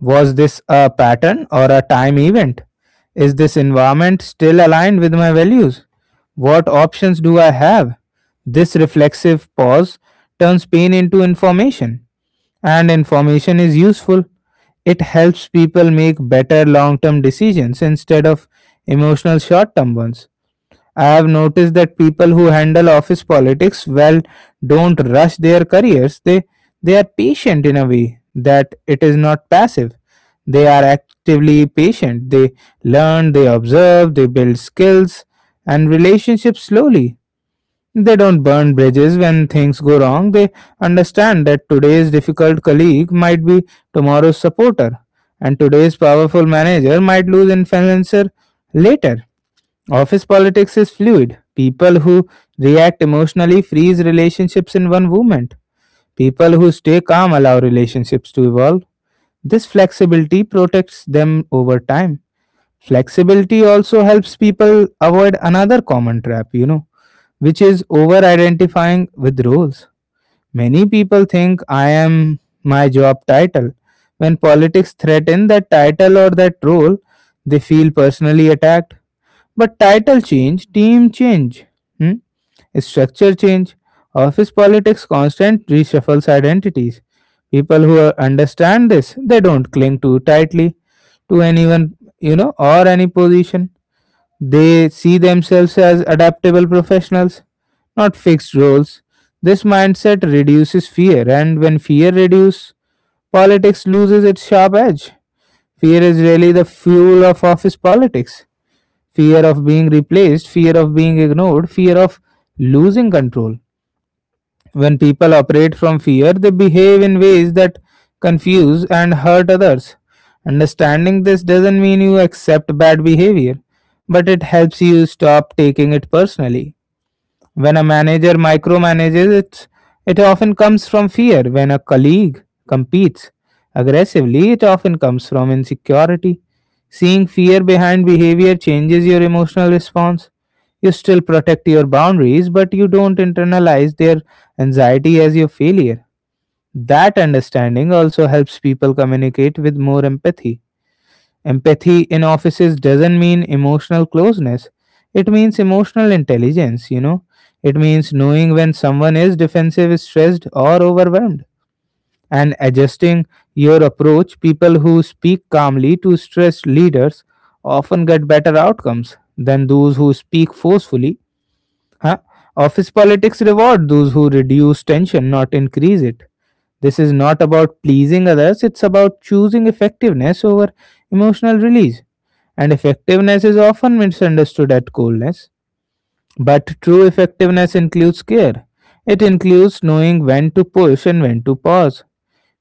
Speaker 2: was this a pattern or a time event? Is this environment still aligned with my values? What options do I have? This reflexive pause turns pain into information, and information is useful. It helps people make better long term decisions instead of emotional short term ones. I have noticed that people who handle office politics well don't rush their careers. They are patient in a way that it is not passive. They are actively patient. They learn, they observe, they build skills and relationships slowly. They don't burn bridges when things go wrong. They understand that today's difficult colleague might be tomorrow's supporter, and today's powerful manager might lose influencer later. Office politics is fluid. People who react emotionally freeze relationships in one moment. People who stay calm allow relationships to evolve. This flexibility protects them over time. Flexibility also helps people avoid another common trap, which is over identifying with roles. Many people think I am my job title. When politics threaten that title or that role, they feel personally attacked. But title change, team change, hmm? Structure change, office politics constant reshuffles identities. People who understand this, they don't cling too tightly to anyone, or any position. They see themselves as adaptable professionals, not fixed roles. This mindset reduces fear, and when fear reduces, politics loses its sharp edge. Fear is really the fuel of office politics. Fear of being replaced, fear of being ignored, fear of losing control. When people operate from fear, they behave in ways that confuse and hurt others. Understanding this doesn't mean you accept bad behavior, but it helps you stop taking it personally. When a manager micromanages, it often comes from fear. When a colleague competes aggressively, it often comes from insecurity. Seeing fear behind behavior changes your emotional response. You still protect your boundaries, but you don't internalize their anxiety as your failure. That understanding also helps people communicate with more empathy. Empathy in offices doesn't mean emotional closeness. It means emotional intelligence. It means knowing when someone is defensive, stressed, or overwhelmed, and adjusting your approach. People who speak calmly to stressed leaders often get better outcomes than those who speak forcefully. Huh? Office politics reward those who reduce tension, not increase it. This is not about pleasing others, it's about choosing effectiveness over emotional release. And effectiveness is often misunderstood at coldness. But true effectiveness includes care. It includes knowing when to push and when to pause.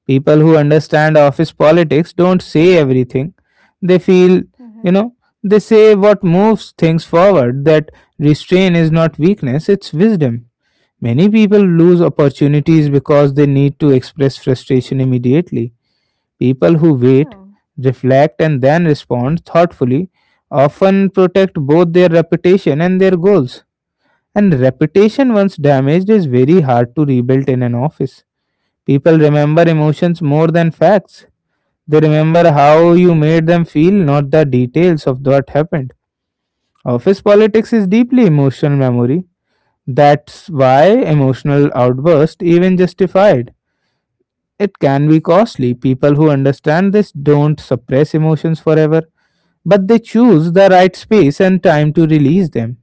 Speaker 2: People who understand office politics don't say everything they feel.
Speaker 1: hmm,
Speaker 2: you know they say what moves things forward. That restraint is not weakness, it's wisdom. Many people lose opportunities because they need to express frustration immediately. People who
Speaker 1: yeah,
Speaker 2: wait, reflect and then respond thoughtfully often protect both their reputation and their goals. And reputation once damaged is very hard to rebuild in an office. People remember emotions more than facts. They remember how you made them feel, not the details of what happened. Office politics is deeply emotional memory. That's why emotional outburst even justified. It can be costly. People who understand this don't suppress emotions forever, but they choose the right space and time to release them.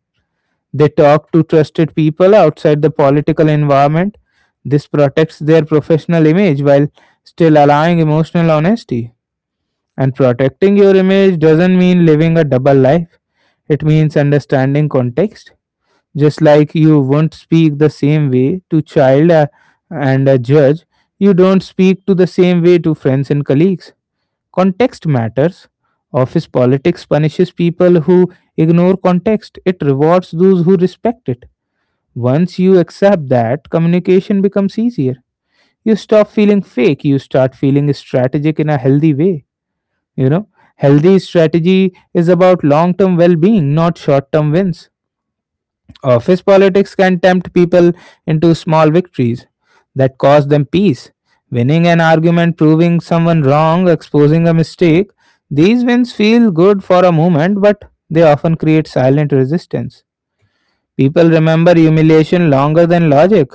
Speaker 2: They talk to trusted people outside the political environment. This protects their professional image while still allowing emotional honesty. And protecting your image doesn't mean living a double life, it means understanding context. Just like you won't speak the same way to child and a judge, you don't speak to the same way to friends and colleagues. Context matters. Office politics punishes people who ignore context, it rewards those who respect it. Once you accept that, communication becomes easier. You stop feeling fake, you start feeling strategic in a healthy way. You know, Healthy strategy is about long term well being, not short term wins. Office politics can tempt people into small victories that cause them peace. Winning an argument, proving someone wrong, exposing a mistake, these wins feel good for a moment, but they often create silent resistance. People remember humiliation longer than logic.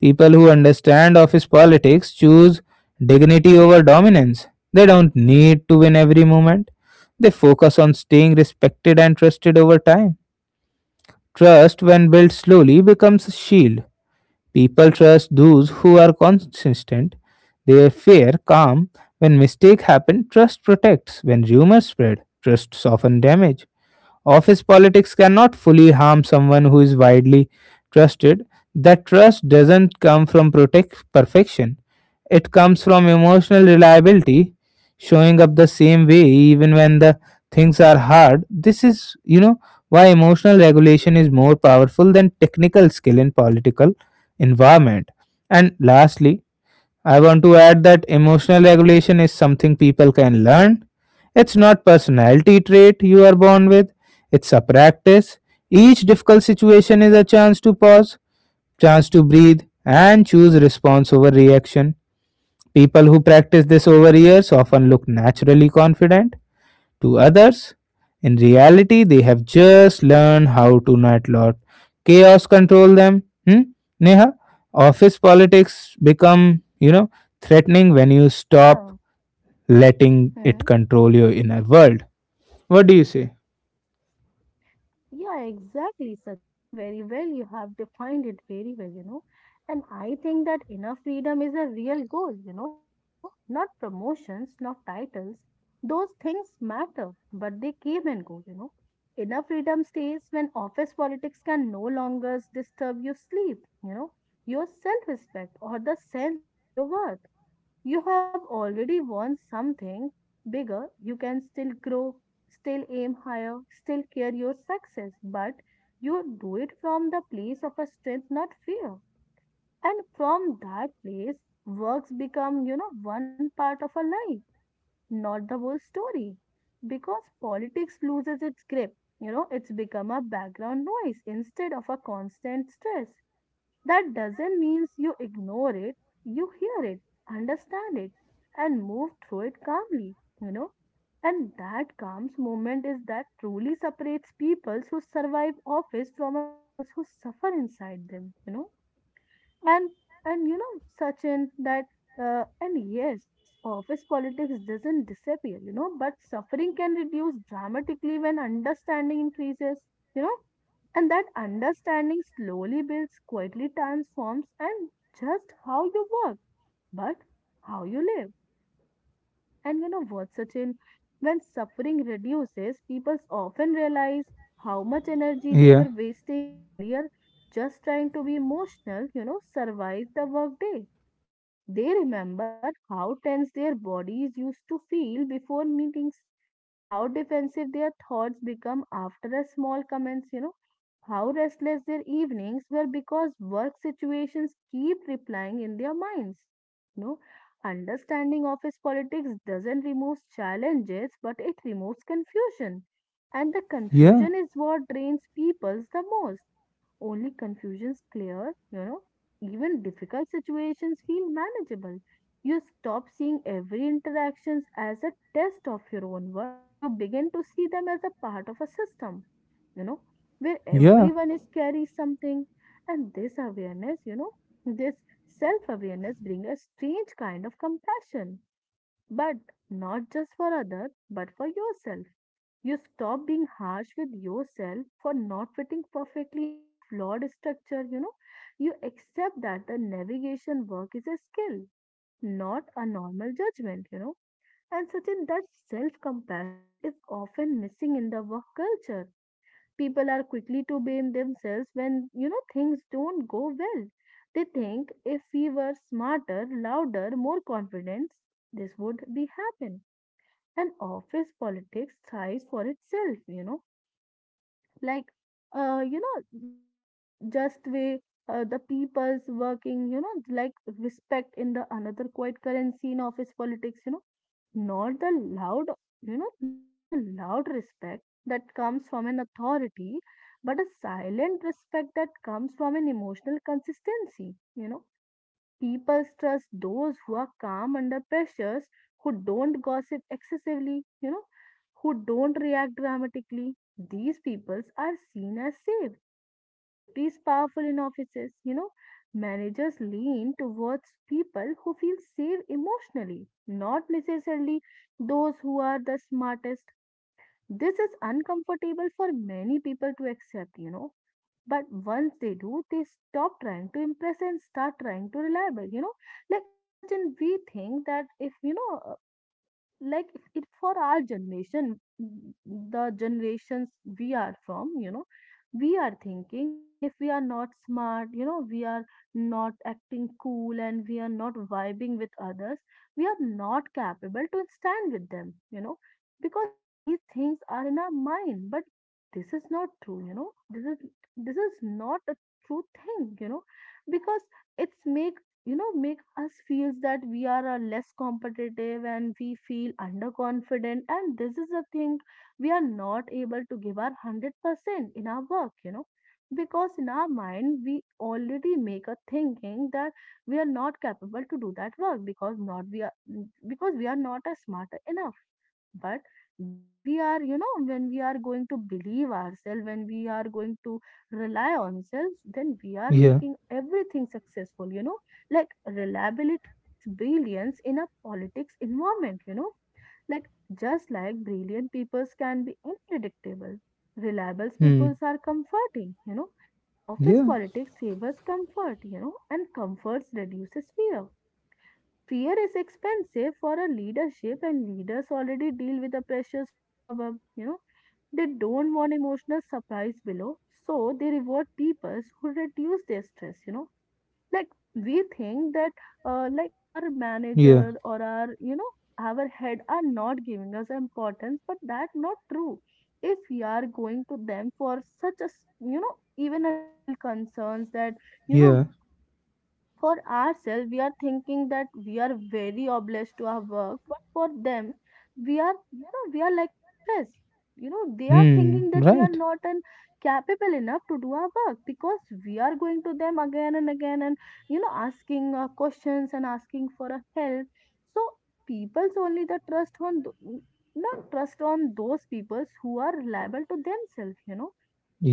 Speaker 2: People who understand office politics choose dignity over dominance. They don't need to win every moment. They focus on staying respected and trusted over time. Trust, when built slowly, becomes a shield. People trust those who are consistent. They fear calm. When mistake happen, trust protects. When rumors spread, trust soften damage. Office politics cannot fully harm someone who is widely trusted. That trust doesn't come from protect perfection. It comes from emotional reliability, showing up the same way even when the things are hard. This is why emotional regulation is more powerful than technical skill in political environment. And lastly, I want to add that emotional regulation is something people can learn. It's not personality trait you are born with. It's a practice. Each difficult situation is a chance to pause, chance to breathe and choose response over reaction. People who practice this over years often look naturally confident, to others. In reality, they have just learned how to not let chaos control them. Hmm? Neha, office politics become threatening when you stop
Speaker 1: yeah,
Speaker 2: letting it
Speaker 1: hmm.
Speaker 2: control your inner world. What do you say?
Speaker 1: Yeah, exactly, Sachin. Very well. You have defined it very well, you know. And I think that inner freedom is a real goal, you know, not promotions, not titles. Those things matter, but they came and go, you know. Inner freedom stays when office politics can no longer disturb your sleep, you know, your self respect or the sense of your worth. You have already won something bigger. You can still grow, still aim higher, still care your success, but you do it from the place of a strength, not fear. And from that place, works become, you know, one part of a life, not the whole story. Because politics loses its grip, you know, it's become a background noise instead of a constant stress. That doesn't mean you ignore it, you hear it, understand it, and move through it calmly, you know. And that calm moment is that truly separates peoples who survive office from a peoples who suffer inside them, you know, and and you know, Sachin, that and yes, office politics doesn't disappear, you know, but suffering can reduce dramatically when understanding increases, you know. And that understanding slowly builds, quietly transforms, and just how you work but how you live. And you know what, Sachin, when suffering reduces people often realize how much energy they
Speaker 2: Yeah,
Speaker 1: were wasting earlier, just trying to be emotional, you know, survive the workday. They remembered how tense their bodies used to feel before meetings, how defensive their thoughts become after a small comments, you know, how restless their evenings were because work situations keep replying in their minds. You know, understanding office politics doesn't remove challenges, but it removes confusion. And the
Speaker 2: yeah,
Speaker 1: confusion is what drains peoples the most. Only confusions clear, you know, even difficult situations feel manageable. You stop seeing every interactions as a test of your own worth. You begin to see them as a part of a system, you know, where
Speaker 2: yeah,
Speaker 1: everyone is carrying something. And this awareness, you know, this self-awareness brings a strange kind of compassion, but not just for others, but for yourself. You stop being harsh with yourself for not fitting perfectly into a flawed structure, you know. You accept that the navigation work is a skill, not a normal judgment, you know. And such in that self compassion is often missing in the work culture. People are quickly to blame themselves when, you know, things don't go well. They think if we were smarter, louder, more confident, this would be happen. And office politics thrives for itself, you know, like uh you know like just way, the people's working, you know, like respect in the another quiet currency in office politics, you know, not the loud, you know, not the loud respect that comes from an authority, but a silent respect that comes from an emotional consistency, you know. People trust those who are calm under pressures, who don't gossip excessively, you know, who don't react dramatically. These peoples are seen as safe. Safety is powerful in offices, you know. Managers lean towards people who feel safe emotionally, not necessarily those who are the smartest. This is uncomfortable for many people to accept, you know, but once they do, they stop trying to impress and start trying to reliable. You know, like, Sachin, we think that, if you know, like it for our the generations we are from, you know, we are thinking that if we are not smart, you know, we are not acting cool and we are not vibing with others, we are not capable to stand with them, you know, because these things are in our mind. But this is not true, you know. This is this is not a true thing, you know, because it's make, you know make us feels that we are less competitive and we feel underconfident, and this is the thing, we are not able to give our 100% in our work, you know, because in our mind we already make a thinking that we are not capable to do that work because not we are because we are not as smart enough. But when we are, you know, when we are going to believe ourselves, when we are going to rely on ourselves, then we are
Speaker 2: yeah,
Speaker 1: making everything successful, you know. Like reliability beats brilliance in a politics environment, you know. Like, just like brilliant peoples can be unpredictable, reliable
Speaker 2: hmm,
Speaker 1: peoples are comforting, you know. Office
Speaker 2: yeah,
Speaker 1: politics favors comfort, you know, and comforts reduces fear. Fear is expensive for a leadership, and leaders already deal with the pressures from above, you know. They don't want emotional surprise below, so they reward peoples who reduce their stress, you know. Like we think that, like our
Speaker 2: yeah,
Speaker 1: manager or our, you know, our head are not giving us importance, but that not true. If we are going to them for such a you know, even a little concerns, that you know,
Speaker 2: yeah,
Speaker 1: for ourselves, we are thinking that we are very obliged to our work, but for them, we are, you know, we are like a stress. You know, they are
Speaker 2: hmm,
Speaker 1: thinking that we are
Speaker 2: right,
Speaker 1: not an capable enough to do our work because we are going to them again and again and, you know, asking questions and asking for a help. So people's only the trust on, not trust on those peoples who are reliable to themselves, you know.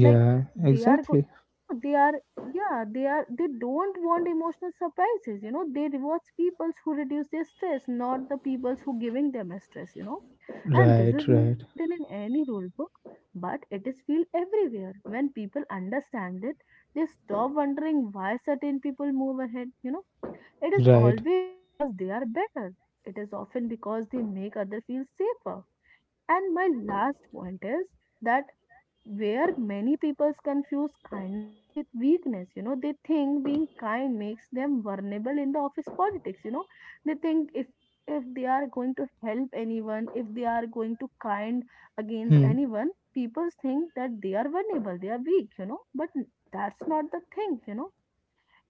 Speaker 1: like they are go
Speaker 2: exactly,
Speaker 1: you know they are yeah, they are, they don't want emotional surprises, you know, they rewards peoples who reduce their stress, not the peoples who giving them a stress, you know. And this
Speaker 2: right,
Speaker 1: is not
Speaker 2: right,
Speaker 1: written in any rule book, but it is feel everywhere. When people understand it, they stop wondering why certain people move ahead, you know. It is
Speaker 2: right,
Speaker 1: always because they are better, it is often because they make other feel safer. And my last point is that where many people confuse kindness and with weakness, you know, they think being kind makes them vulnerable in the office politics, you know. They think, if they are going to help anyone, if they are going to kind against
Speaker 2: hmm,
Speaker 1: anyone, people think that they are vulnerable, they are weak, you know. But that's not the thing, you know.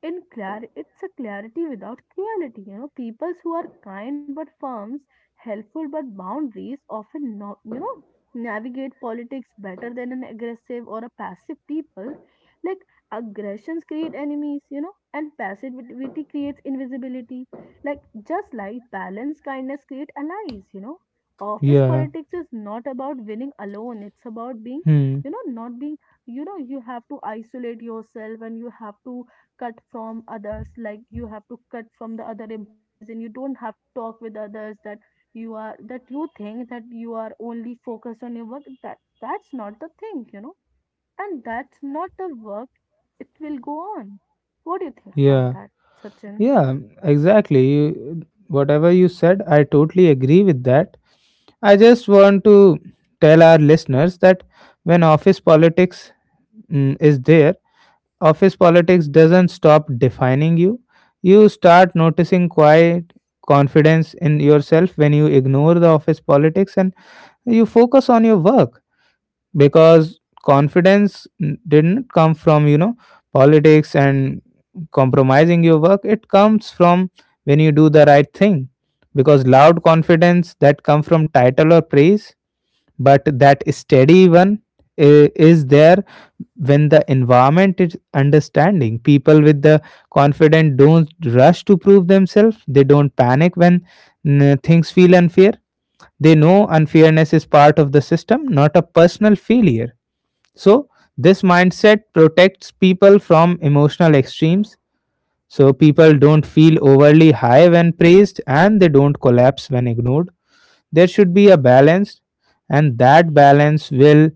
Speaker 1: In clar it's a clarity without cruelty, you know. Peoples who are kind but firms, helpful but boundaries often, not you know, navigate politics better than an aggressive or a passive people. Like aggressions create enemies, you know, and passivity creates invisibility. Like, just like balance, kindness create allies, you know. Office
Speaker 2: yeah,
Speaker 1: politics is not about winning alone, it's about being,
Speaker 2: hmm,
Speaker 1: you know, not being, you know, you have to isolate yourself and you have to cut from others. Like, you have to cut from the other employees and you don't have to talk with others. That You are that, you think that you are only focused on your work, that that's not the thing, you know. And that's not the work, it will go on. What do you think about
Speaker 2: yeah,
Speaker 1: that, Sachin?
Speaker 2: yeah, exactly. Whatever you said, I totally agree with that. I just want to tell our listeners that when office politics is there, office politics doesn't stop defining you. You start noticing quiet confidence in yourself when you ignore the office politics and you focus on your work, because confidence didn't come from, you know, politics and compromising your work. It comes from when you do the right thing, because loud confidence that come from title or praise, but that steady one is there when the environment is understanding. People with the confident don't rush to prove themselves. They don't panic when, things feel unfair. They know unfairness is part of the system, not a personal failure. So, this mindset protects people from emotional extremes. So, people don't feel overly high when praised and they don't collapse when ignored. There should be a balance, and that balance will,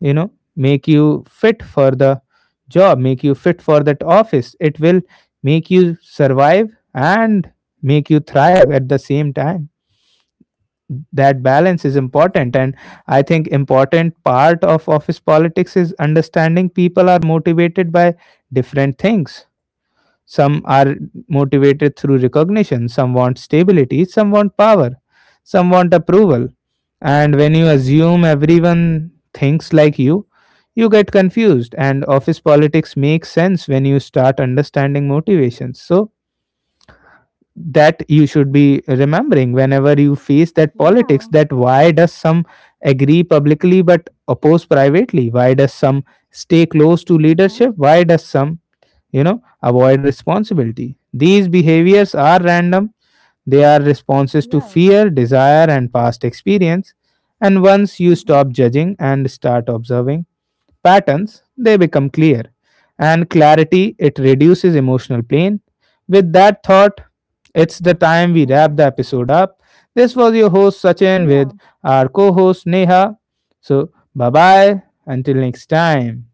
Speaker 2: you know, make you fit for the job, make you fit for that office. It will make you survive and make you thrive at the same time. That balance is important. And I think important part of office politics is understanding people are motivated by different things. Some are motivated through recognition, some want stability, some want power, some want approval. And when you assume everyone thinks like you get confused. And office politics makes sense when you start understanding motivations. So that you should be remembering whenever you face that politics,
Speaker 1: Yeah,
Speaker 2: that why does some agree publicly but oppose privately, why does some stay close to
Speaker 1: hmm.
Speaker 2: leadership, why does some, you know, avoid responsibility. These behaviors are random. They are responses to
Speaker 1: Yeah,
Speaker 2: fear, desire and past experience. And once you
Speaker 1: hmm,
Speaker 2: stop judging and start observing patterns, they become clear. And clarity, it reduces emotional pain. With that thought, it's the time we wrap
Speaker 1: hmm,
Speaker 2: the episode up. This was your host Sachin with
Speaker 1: yeah.
Speaker 2: our co host Neha. So, bye bye. Until next time.